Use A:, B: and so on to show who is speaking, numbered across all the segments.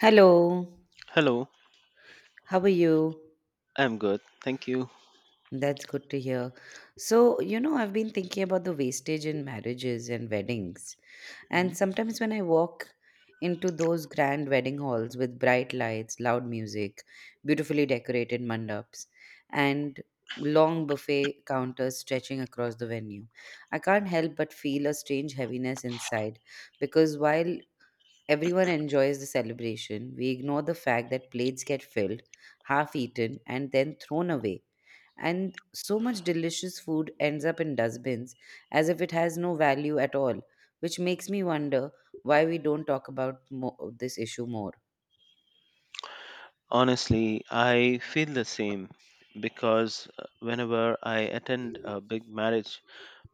A: Hello,
B: Hello,
A: how are you?
B: I'm good. Thank you.
A: That's good to hear. So, you know, I've been thinking about the wastage in marriages and weddings. And
B: Mhm.
A: sometimes when I walk into those grand wedding halls with bright lights, loud music, beautifully decorated mandaps, and long buffet counters stretching across the venue, I can't help but feel a strange heaviness inside, because while everyone enjoys the celebration, we ignore the fact that plates get filled, half eaten, and then thrown away. And so much delicious food ends up in dustbins as if it has no value at all, which makes me wonder why we don't talk about this issue more.
B: Honestly, I feel the same because whenever I attend a big marriage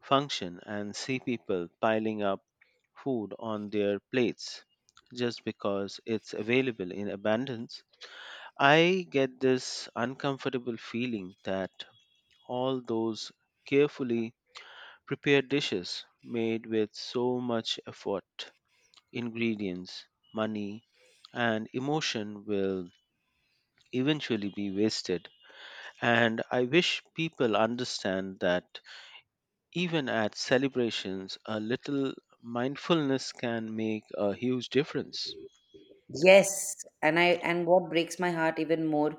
B: function and see people piling up food on their plates just because it's available in abundance, I get this uncomfortable feeling that all those carefully prepared dishes made with so much effort ingredients, money, and emotion will eventually be wasted. And I wish people understand that even at celebrations, a little mindfulness can make a huge difference,
A: Yes, and what breaks my heart even more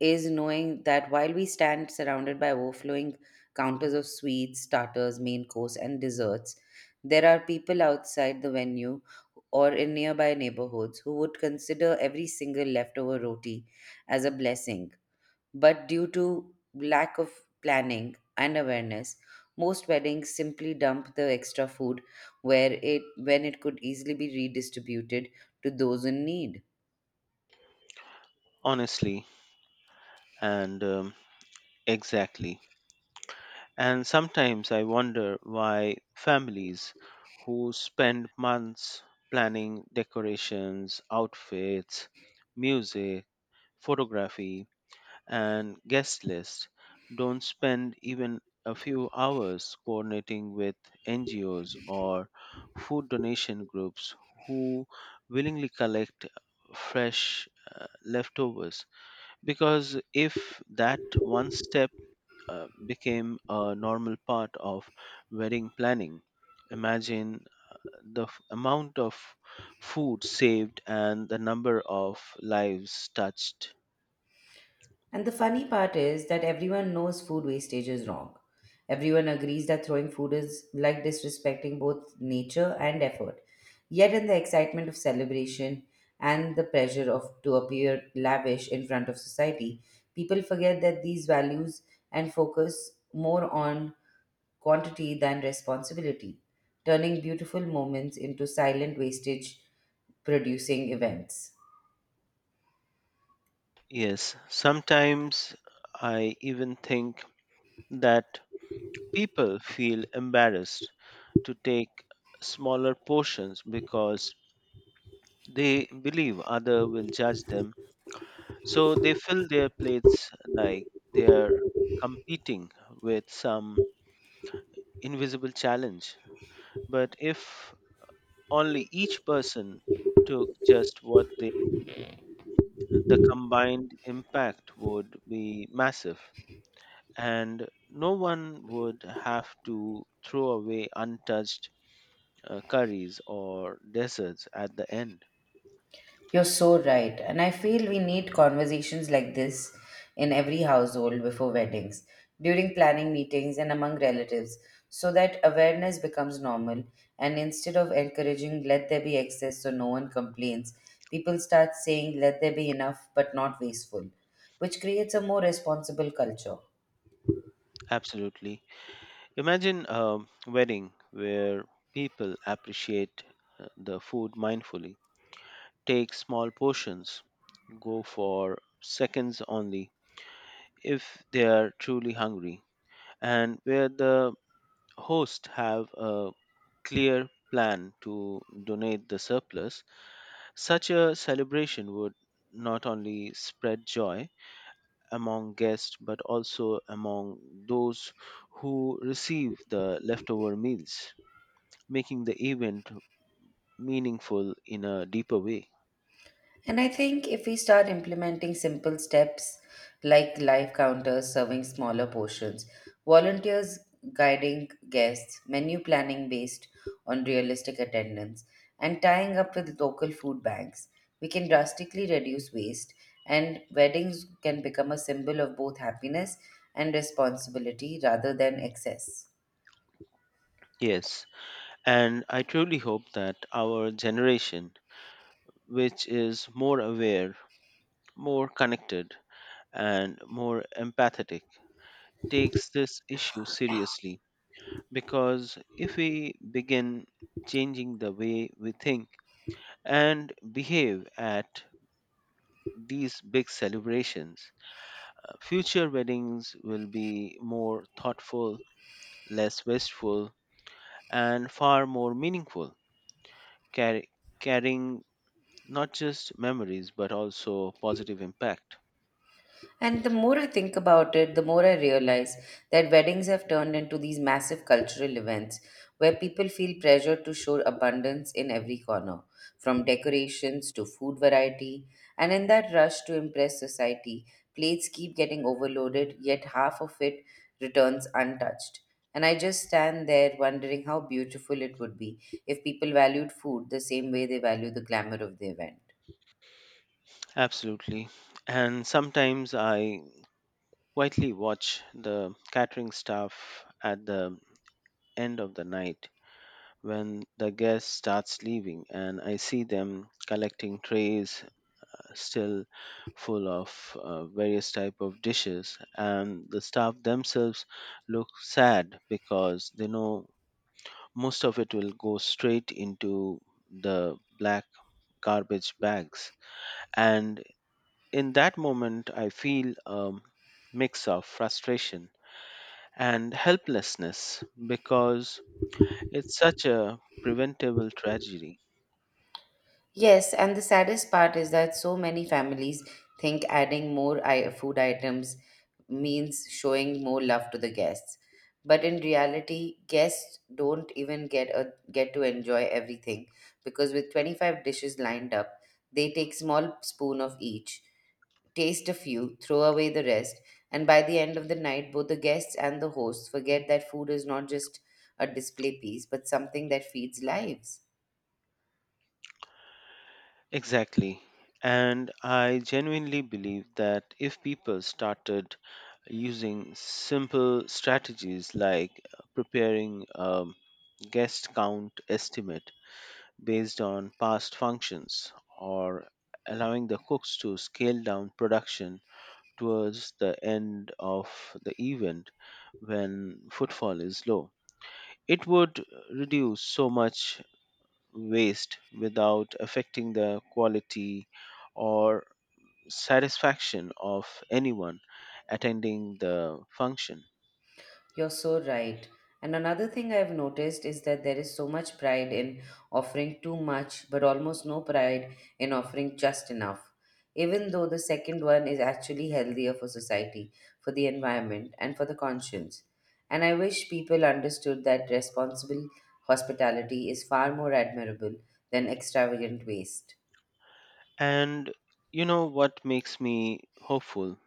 A: is knowing that while we stand surrounded by overflowing counters of sweets, starters, main course, and desserts, there are people outside the venue or in nearby neighborhoods who would consider every single leftover roti as a blessing. But due to lack of planning and awareness, most weddings simply dump the extra food where it when it could easily be redistributed to those in need.
B: honestly and exactly. And sometimes I wonder why families who spend months planning decorations, outfits, music, photography, and guest list don't spend even a few hours coordinating with NGOs or food donation groups who willingly collect fresh leftovers. Because if that one step became a normal part of wedding planning, imagine the amount of food saved and the number of lives touched.
A: And the funny part is that everyone knows food wastage is wrong. Everyone agrees that throwing food is like disrespecting both nature and effort. Yet, in the excitement of celebration and the pressure of to appear lavish in front of society, people forget that these values and focus more on quantity than responsibility, turning beautiful moments into silent wastage producing events.
B: Yes, sometimes I even think that people feel embarrassed to take smaller portions because they believe other will judge them. So they fill their plates like they're competing with some invisible challenge. But if only each person took just what they the combined impact would be massive, and no one would have to throw away untouched curries or desserts at the end.
A: You're so right. And I feel we need conversations like this in every household before weddings, during planning meetings, and among relatives, so that awareness becomes normal. And instead of encouraging, let there be excess so no one complains, people start saying, let there be enough but not wasteful, which creates a more responsible culture.
B: Absolutely. Imagine a wedding where people appreciate the food mindfully, take small portions, go for seconds only if they are truly hungry, and where the hosts have a clear plan to donate the surplus, such a celebration would not only spread joy among guests but also among those who receive the leftover meals, making the event meaningful in a deeper way.
A: And I think if we start implementing simple steps like live counters serving smaller portions, volunteers guiding guests, menu planning based on realistic attendance, and tying up with local food banks, we can drastically reduce waste. And weddings can become a symbol of both happiness and responsibility rather than excess.
B: Yes, and I truly hope that our generation, which is more aware, more connected, and more empathetic, takes this issue seriously because if we begin changing the way we think and behave at these big celebrations, future weddings will be more thoughtful, less wasteful, and far more meaningful, carry, carrying not just memories but also positive impact.
A: And the more I think about it, the more I realize that weddings have turned into these massive cultural events where people feel pressured to show abundance in every corner, from decorations to food variety. And in that rush to impress society, plates keep getting overloaded, yet half of it returns untouched. And I just stand there wondering how beautiful it would be if people valued food the same way they value the glamour of the event.
B: Absolutely. And sometimes I quietly watch the catering staff at the end of the night when the guest starts leaving and I see them collecting trays still full of various type of dishes and the staff themselves look sad because they know most of it will go straight into the black garbage bags and in that moment I feel a mix of frustration and helplessness because it's such a preventable tragedy.
A: Yes, and the saddest part is that so many families think adding more food items means showing more love to the guests. But in reality, guests don't even get to enjoy everything because with 25 dishes lined up, they take small spoon of each, taste a few, throw away the rest, and by the end of the night, both the guests and the hosts forget that food is not just a display piece, but something that feeds lives.
B: Exactly. And I genuinely believe that if people started using simple strategies like preparing a guest count estimate based on past functions or allowing the cooks to scale down production towards the end of the event when footfall is low, it would reduce so much waste without affecting the quality or satisfaction of anyone attending the function.
A: You're so right. And another thing I've noticed is that there is so much pride in offering too much, but almost no pride in offering just enough. Even though the second one is actually healthier for society, for the environment, and for the conscience. And I wish people understood that responsible hospitality is far more admirable than extravagant waste.
B: And you know what makes me hopeful?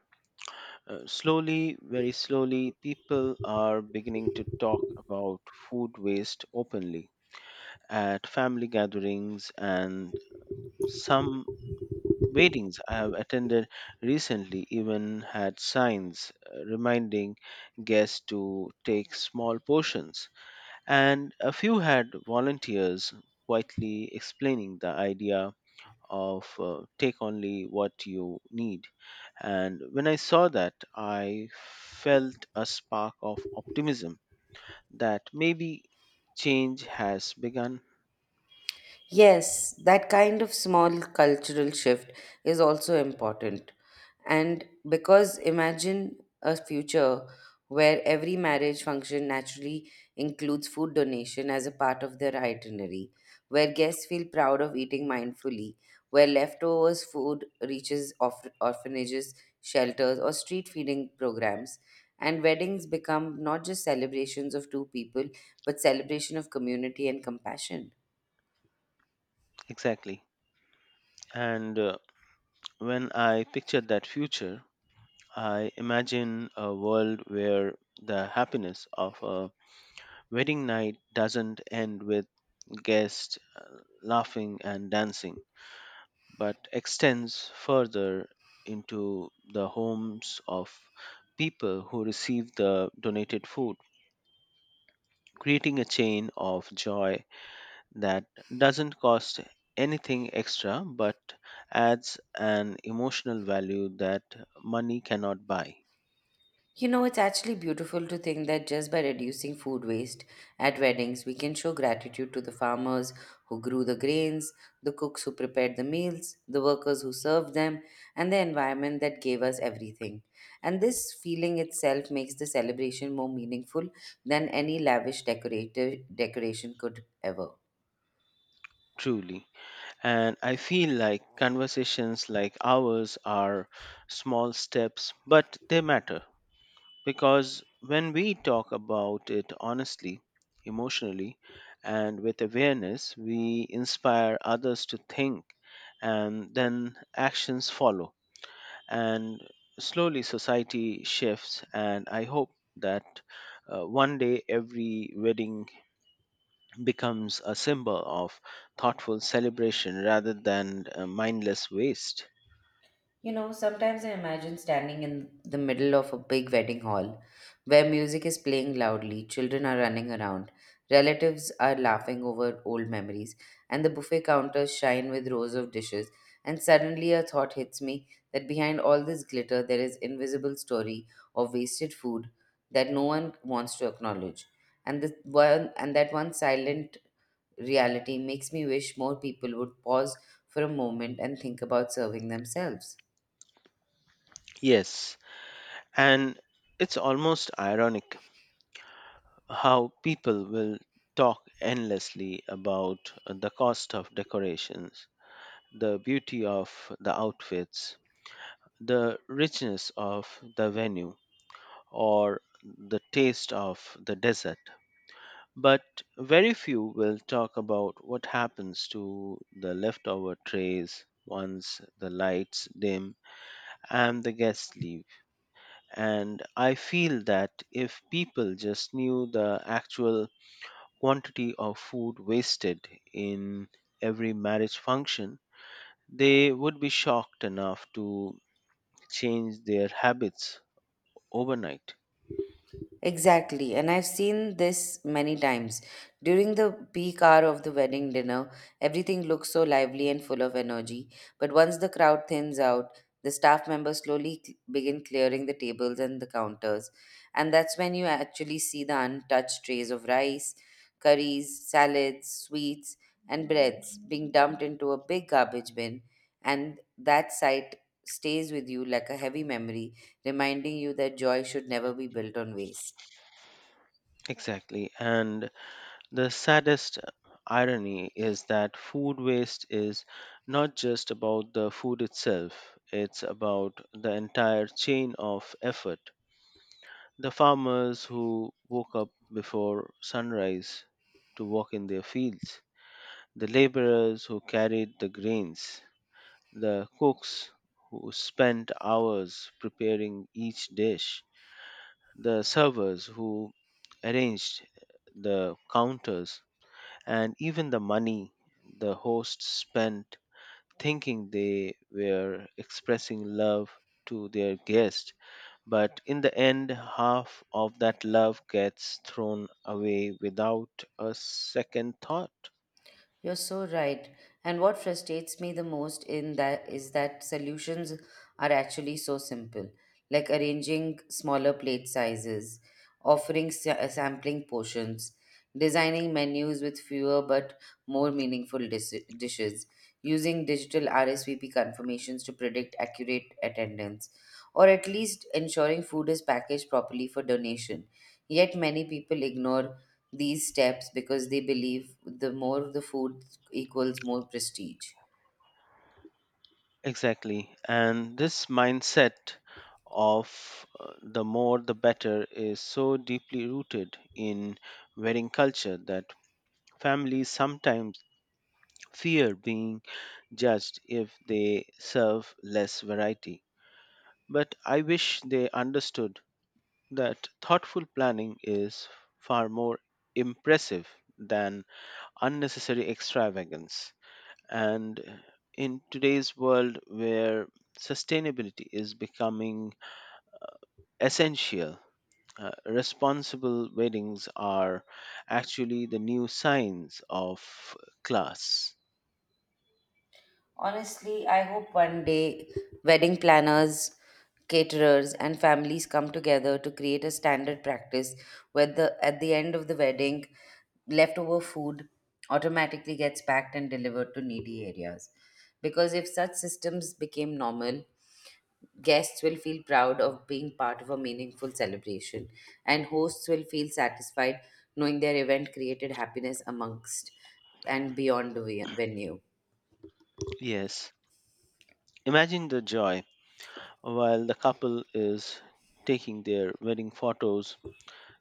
B: Slowly, very slowly, people are beginning to talk about food waste openly at family gatherings and some weddings I have attended recently even had signs reminding guests to take small portions and a few had volunteers quietly explaining the idea of take only what you need. And when I saw that, I felt a spark of optimism that maybe change has begun.
A: Yes, that kind of small cultural shift is also important. And because imagine a future where every marriage function naturally includes food donation as a part of their itinerary, where guests feel proud of eating mindfully, where leftovers food reaches orphanages, shelters, or street feeding programs, and weddings become not just celebrations of two people, but celebration of community and compassion.
B: Exactly. And when I pictured that future, I imagine a world where the happiness of a wedding night doesn't end with guests laughing and dancing but extends further into the homes of people who receive the donated food, creating a chain of joy that doesn't cost anything extra but adds an emotional value that money cannot buy.
A: You know, it's actually beautiful to think that just by reducing food waste at weddings, we can show gratitude to the farmers who grew the grains, the cooks who prepared the meals, the workers who served them, and the environment that gave us everything. And this feeling itself makes the celebration more meaningful than any lavish decorative decoration could ever.
B: Truly. And I feel like conversations like ours are small steps, but they matter. Because when we talk about it honestly, emotionally, and with awareness, we inspire others to think, and then actions follow. And slowly society shifts, and I hope that one day every wedding becomes a symbol of thoughtful celebration rather than mindless waste.
A: You know, sometimes I imagine standing in the middle of a big wedding hall where music is playing loudly, children are running around, relatives are laughing over old memories, and the buffet counters shine with rows of dishes. And suddenly a thought hits me that behind all this glitter there is invisible story of wasted food that no one wants to acknowledge. And the one and that one silent reality makes me wish more people would pause for a moment and think about serving themselves.
B: Yes, and it's almost ironic how people will talk endlessly about the cost of decorations, the beauty of the outfits, the richness of the venue, or the taste of the dessert. But very few will talk about what happens to the leftover trays once the lights dim and the guests leave. And I feel that if people just knew the actual quantity of food wasted in every marriage function, they would be shocked enough to change their habits overnight.
A: Exactly, and I've seen this many times. During the peak hour of the wedding dinner, everything looks so lively and full of energy. But once the crowd thins out, the staff members slowly begin clearing the tables and the counters. And that's when you actually see the untouched trays of rice, curries, salads, sweets, and breads being dumped into a big garbage bin. And that sight stays with you like a heavy memory reminding you that joy should never be built on waste.
B: Exactly. And the saddest irony is that food waste is not just about the food itself, it's about the entire chain of effort. The farmers who woke up before sunrise to work in their fields, the laborers who carried the grains, the cooks who spent hours preparing each dish, the servers who arranged the counters, and even the money the hosts spent thinking they were expressing love to their guest. But in the end, half of that love gets thrown away without a second thought.
A: You're so right. And what frustrates me the most in that is that solutions are actually so simple, like arranging smaller plate sizes, offering sampling portions, designing menus with fewer but more meaningful dishes, using digital RSVP confirmations to predict accurate attendance, or at least ensuring food is packaged properly for donation. Yet many people ignore these steps because they believe the more the food equals more prestige.
B: Exactly. And this mindset of the more the better is so deeply rooted in wedding culture that families sometimes fear being judged if they serve less variety. But I wish they understood that thoughtful planning is far more impressive than unnecessary extravagance. And in today's world where sustainability is becoming essential, responsible weddings are actually the new signs of class.
A: Honestly, I hope one day wedding planners, caterers, and families come together to create a standard practice where the at the end of the wedding, leftover food automatically gets packed and delivered to needy areas. Because if such systems became normal, guests will feel proud of being part of a meaningful celebration, and hosts will feel satisfied knowing their event created happiness amongst and beyond the venue.
B: Yes, imagine the joy while the couple is taking their wedding photos.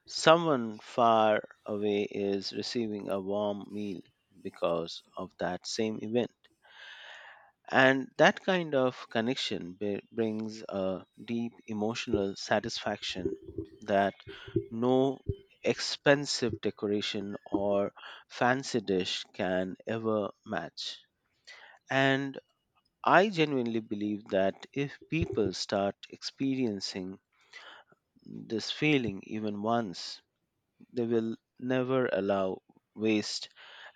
B: Someone far away is receiving a warm meal because of that same event. And that kind of connection brings a deep emotional satisfaction that no expensive decoration or fancy dish can ever match. And I genuinely believe that if people start experiencing this feeling even once, they will never allow waste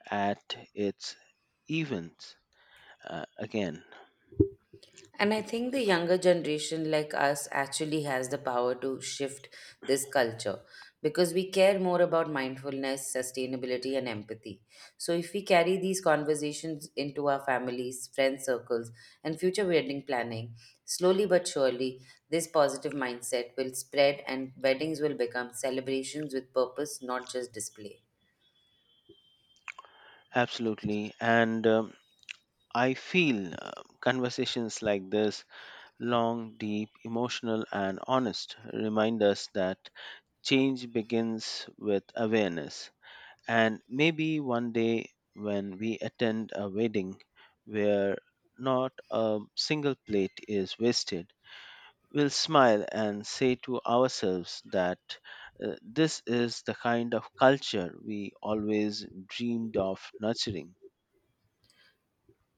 B: at its events again.
A: And I think the younger generation like us actually has the power to shift this culture because we care more about mindfulness, sustainability, and empathy. So, if we carry these conversations into our families, friend circles, and future wedding planning, slowly but surely, this positive mindset will spread and weddings will become celebrations with purpose, not just display.
B: Absolutely. And I feel conversations like this, long, deep, emotional, and honest, remind us that change begins with awareness. And maybe one day when we attend a wedding where not a single plate is wasted, we'll smile and say to ourselves that this is the kind of culture we always dreamed of nurturing.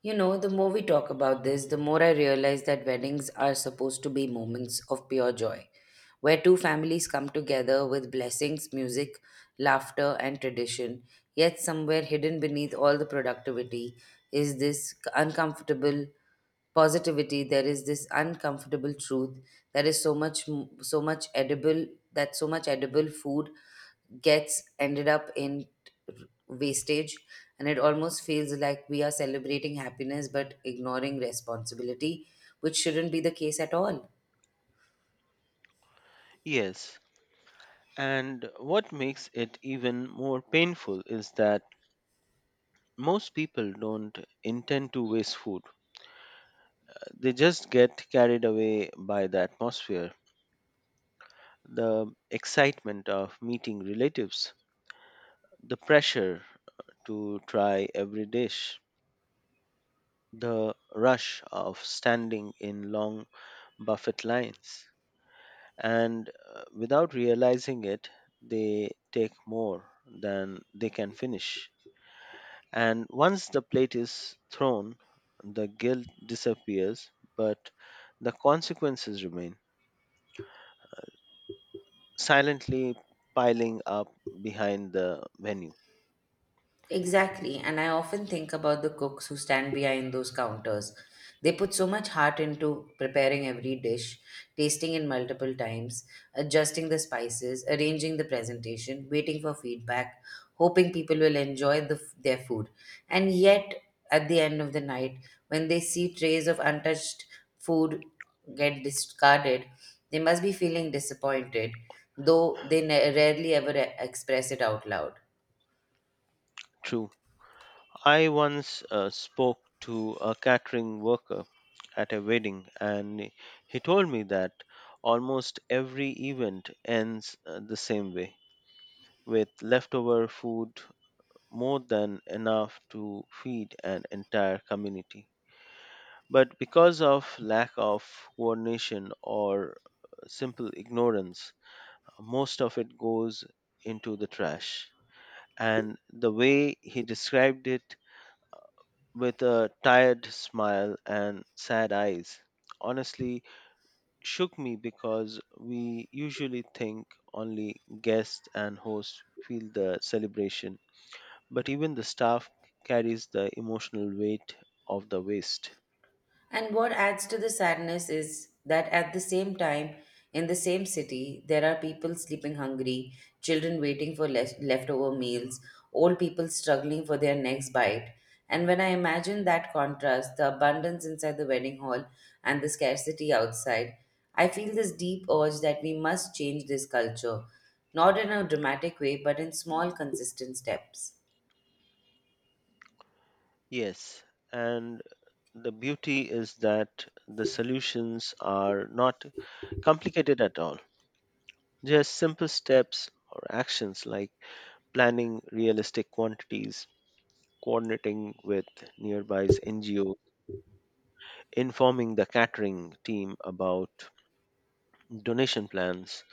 A: You know, the more we talk about this, the more I realize that weddings are supposed to be moments of pure joy, where two families come together with blessings, music, laughter, and tradition. Yet, somewhere hidden beneath all the productivity is this uncomfortable truth, that is so much edible food gets ended up in wastage, and it almost feels like we are celebrating happiness but ignoring responsibility, which shouldn't be the case at all.
B: Yes, and what makes it even more painful is that most people don't intend to waste food. They just get carried away by the atmosphere, the excitement of meeting relatives, the pressure to try every dish, the rush of standing in long buffet lines. And without realizing it, they take more than they can finish. And once the plate is thrown, the guilt disappears, but the consequences remain, silently piling up behind the menu.
A: Exactly, and I often think about the cooks who stand behind those counters. They put so much heart into preparing every dish, tasting it multiple times, adjusting the spices, arranging the presentation, waiting for feedback, hoping people will enjoy their food. And yet, at the end of the night, when they see trays of untouched food get discarded, they must be feeling disappointed, though they rarely ever express it out loud.
B: True. I once spoke to a catering worker at a wedding, and he told me that almost every event ends the same way with leftover food more than enough to feed an entire community. But because of lack of coordination or simple ignorance, most of it goes into the trash. And the way he described it with a tired smile and sad eyes, honestly shook me because we usually think only guests and hosts feel the celebration, but even the staff carries the emotional weight of the waste.
A: And what adds to the sadness is that at the same time, in the same city, there are people sleeping hungry, children waiting for leftover meals, old people struggling for their next bite. And when I imagine that contrast, the abundance inside the wedding hall and the scarcity outside, I feel this deep urge that we must change this culture, not in a dramatic way, but in small, consistent steps.
B: Yes, and the beauty is that the solutions are not complicated at all. Just simple steps or actions like planning realistic quantities, coordinating with nearby NGOs, informing the catering team about donation plans,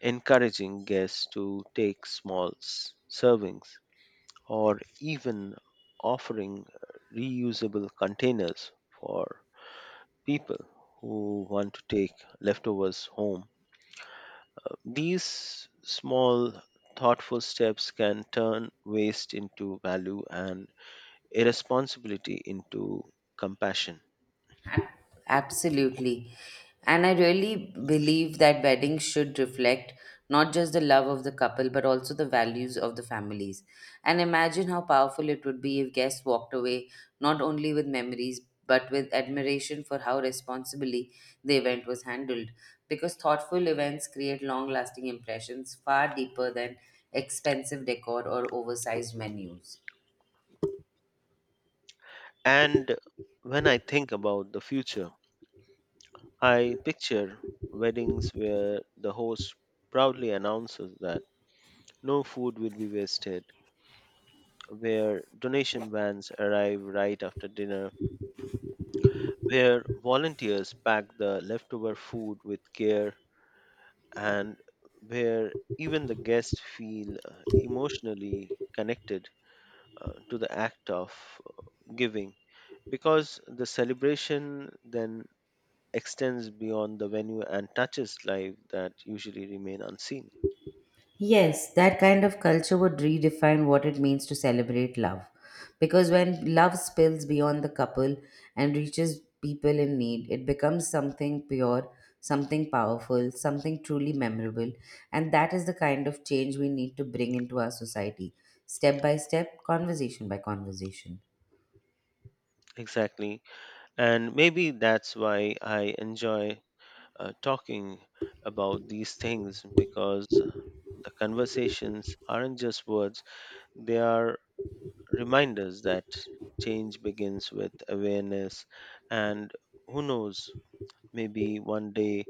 B: encouraging guests to take small servings, or even offering reusable containers for people who want to take leftovers home. These small thoughtful steps can turn waste into value and irresponsibility into compassion.
A: Absolutely. And I really believe that weddings should reflect not just the love of the couple, but also the values of the families. And imagine how powerful it would be if guests walked away not only with memories, but with admiration for how responsibly the event was handled. Because thoughtful events create long lasting impressions far deeper than expensive decor or oversized menus.
B: And when I think about the future, I picture weddings where the host proudly announces that no food will be wasted, where donation vans arrive right after dinner, where volunteers pack the leftover food with care, and where even the guests feel emotionally connected to the act of giving because the celebration then extends beyond the venue and touches life that usually remain unseen.
A: Yes, that kind of culture would redefine what it means to celebrate love. Because when love spills beyond the couple and reaches people in need, it becomes something pure, something powerful, something truly memorable. And that is the kind of change we need to bring into our society, step by step, conversation by conversation.
B: Exactly. And maybe that's why I enjoy talking about these things because the conversations aren't just words, they are reminders that change begins with awareness. And who knows, maybe one day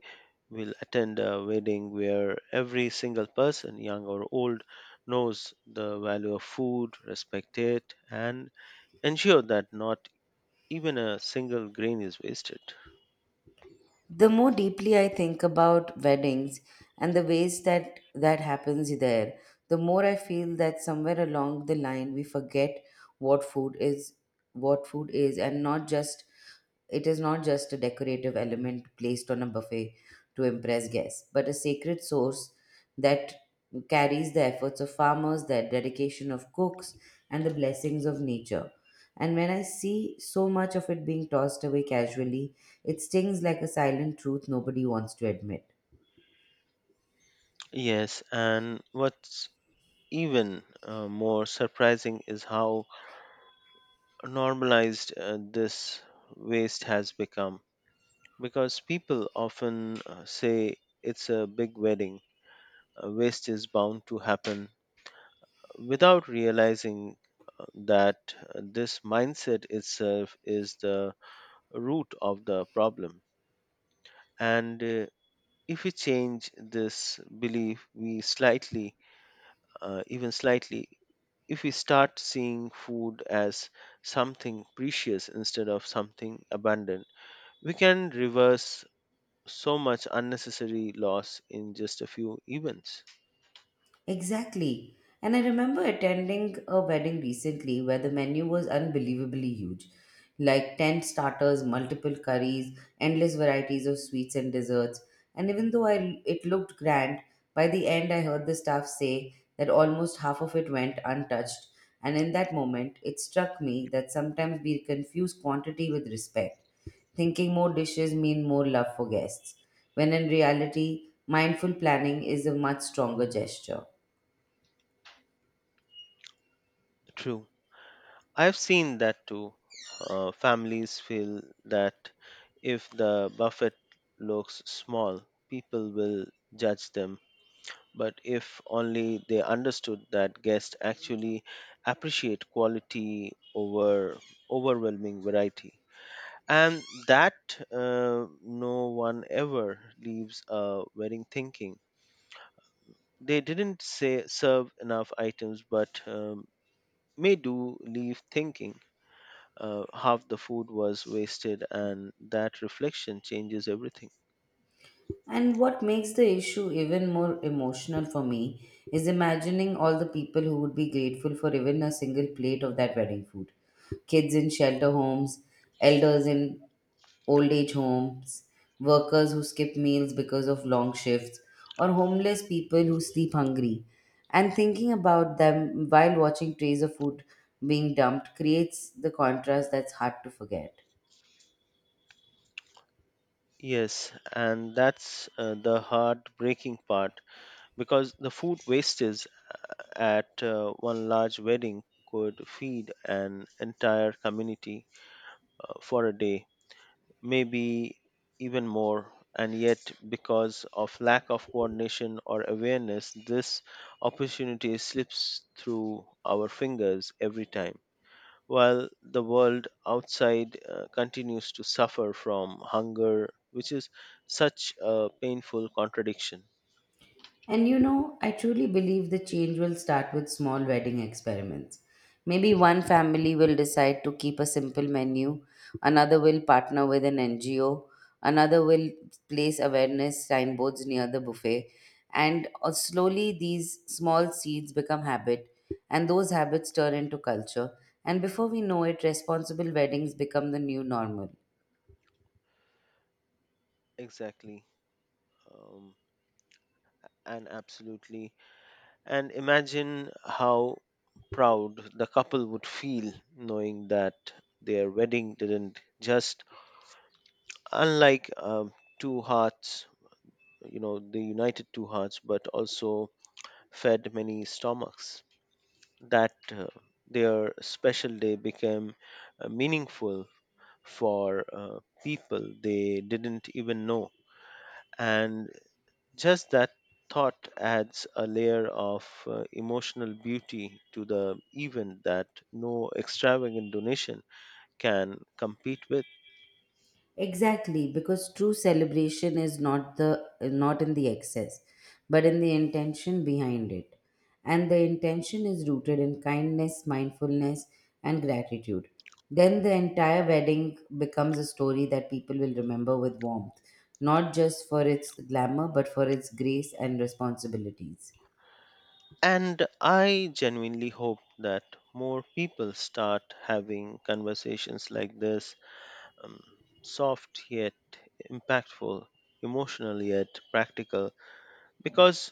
B: will attend a wedding where every single person, young or old, knows the value of food, respect it, and ensure that not even a single grain is wasted.
A: The more deeply I think about weddings and the ways that happens there, the more I feel that somewhere along the line we forget what food is. What food is, and not just it is not just a decorative element placed on a buffet to impress guests, but a sacred source that carries the efforts of farmers, the dedication of cooks, and the blessings of nature. And when I see so much of it being tossed away casually, it stings like a silent truth nobody wants to admit.
B: Yes, and what's even more surprising is how normalized this waste has become because people often say it's a big wedding, waste is bound to happen, without realizing that this mindset itself is the root of the problem. And if we change this belief, we slightly, even slightly, if we start seeing food as something precious instead of something abundant, we can reverse so much unnecessary loss in just a few events.
A: Exactly. And I remember attending a wedding recently where the menu was unbelievably huge, like 10 starters, multiple curries, endless varieties of sweets and desserts. And even though it looked grand, by the end I heard the staff say that almost half of it went untouched. And in that moment, it struck me that sometimes we confuse quantity with respect, thinking more dishes mean more love for guests, when in reality, mindful planning is a much stronger gesture.
B: True. I've seen that too. Families feel that if the buffet looks small, people will judge them. But if only they understood that guests actually appreciate quality over overwhelming variety, and that no one ever leaves a wedding thinking they didn't say serve enough items, but may do leave thinking half the food was wasted, and that reflection changes everything.
A: And what makes the issue even more emotional for me is imagining all the people who would be grateful for even a single plate of that wedding food. Kids in shelter homes, elders in old age homes, workers who skip meals because of long shifts, or homeless people who sleep hungry. And thinking about them while watching trays of food being dumped creates the contrast that's hard to forget.
B: Yes, and that's the heartbreaking part because the food wastage at one large wedding could feed an entire community for a day, maybe even more. And yet, because of lack of coordination or awareness, this opportunity slips through our fingers every time, while the world outside continues to suffer from hunger, which is such a painful contradiction.
A: And you know, I truly believe the change will start with small wedding experiments. Maybe one family will decide to keep a simple menu, another will partner with an NGO, another will place awareness signboards near the buffet, and slowly these small seeds become habit, and those habits turn into culture. And before we know it, responsible weddings become the new normal.
B: Exactly. Um, and absolutely. And imagine how proud the couple would feel knowing that their wedding didn't just, unlike two hearts, you know, the united two hearts, but also fed many stomachs. That their special day became meaningful for people they didn't even know. And just that thought adds a layer of emotional beauty to the event that no extravagant donation can compete with.
A: Exactly, because true celebration is not in the excess, but in the intention behind it. And the intention is rooted in kindness, mindfulness, and gratitude. Then the entire wedding becomes a story that people will remember with warmth, not just for its glamour, but for its grace and responsibilities.
B: And I genuinely hope that more people start having conversations like this, um, soft yet impactful, emotional yet practical, because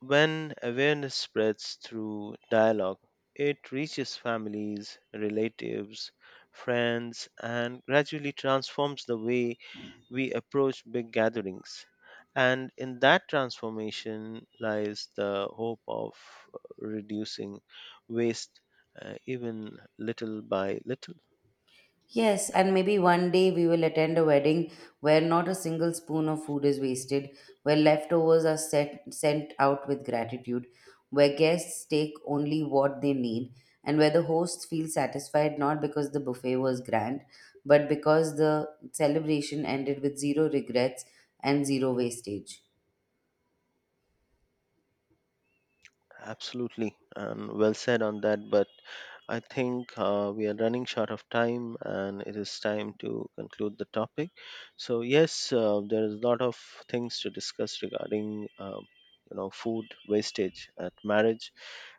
B: when awareness spreads through dialogue, it reaches families, relatives, friends, and gradually transforms the way we approach big gatherings. And in that transformation lies the hope of reducing waste, even little by little.
A: Yes, and maybe one day we will attend a wedding where not a single spoon of food is wasted, where leftovers are sent out with gratitude, where guests take only what they need, and where the hosts feel satisfied not because the buffet was grand, but because the celebration ended with zero regrets and zero wastage.
B: Absolutely, and well said on that. But I think we are running short of time, and it is time to conclude the topic. So yes, there is a lot of things to discuss regarding you know food wastage at marriage,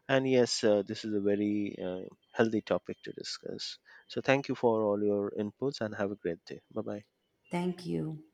B: and yes, this is a very healthy topic to discuss. So thank you for all your inputs, and have a great day. Bye bye.
A: Thank you.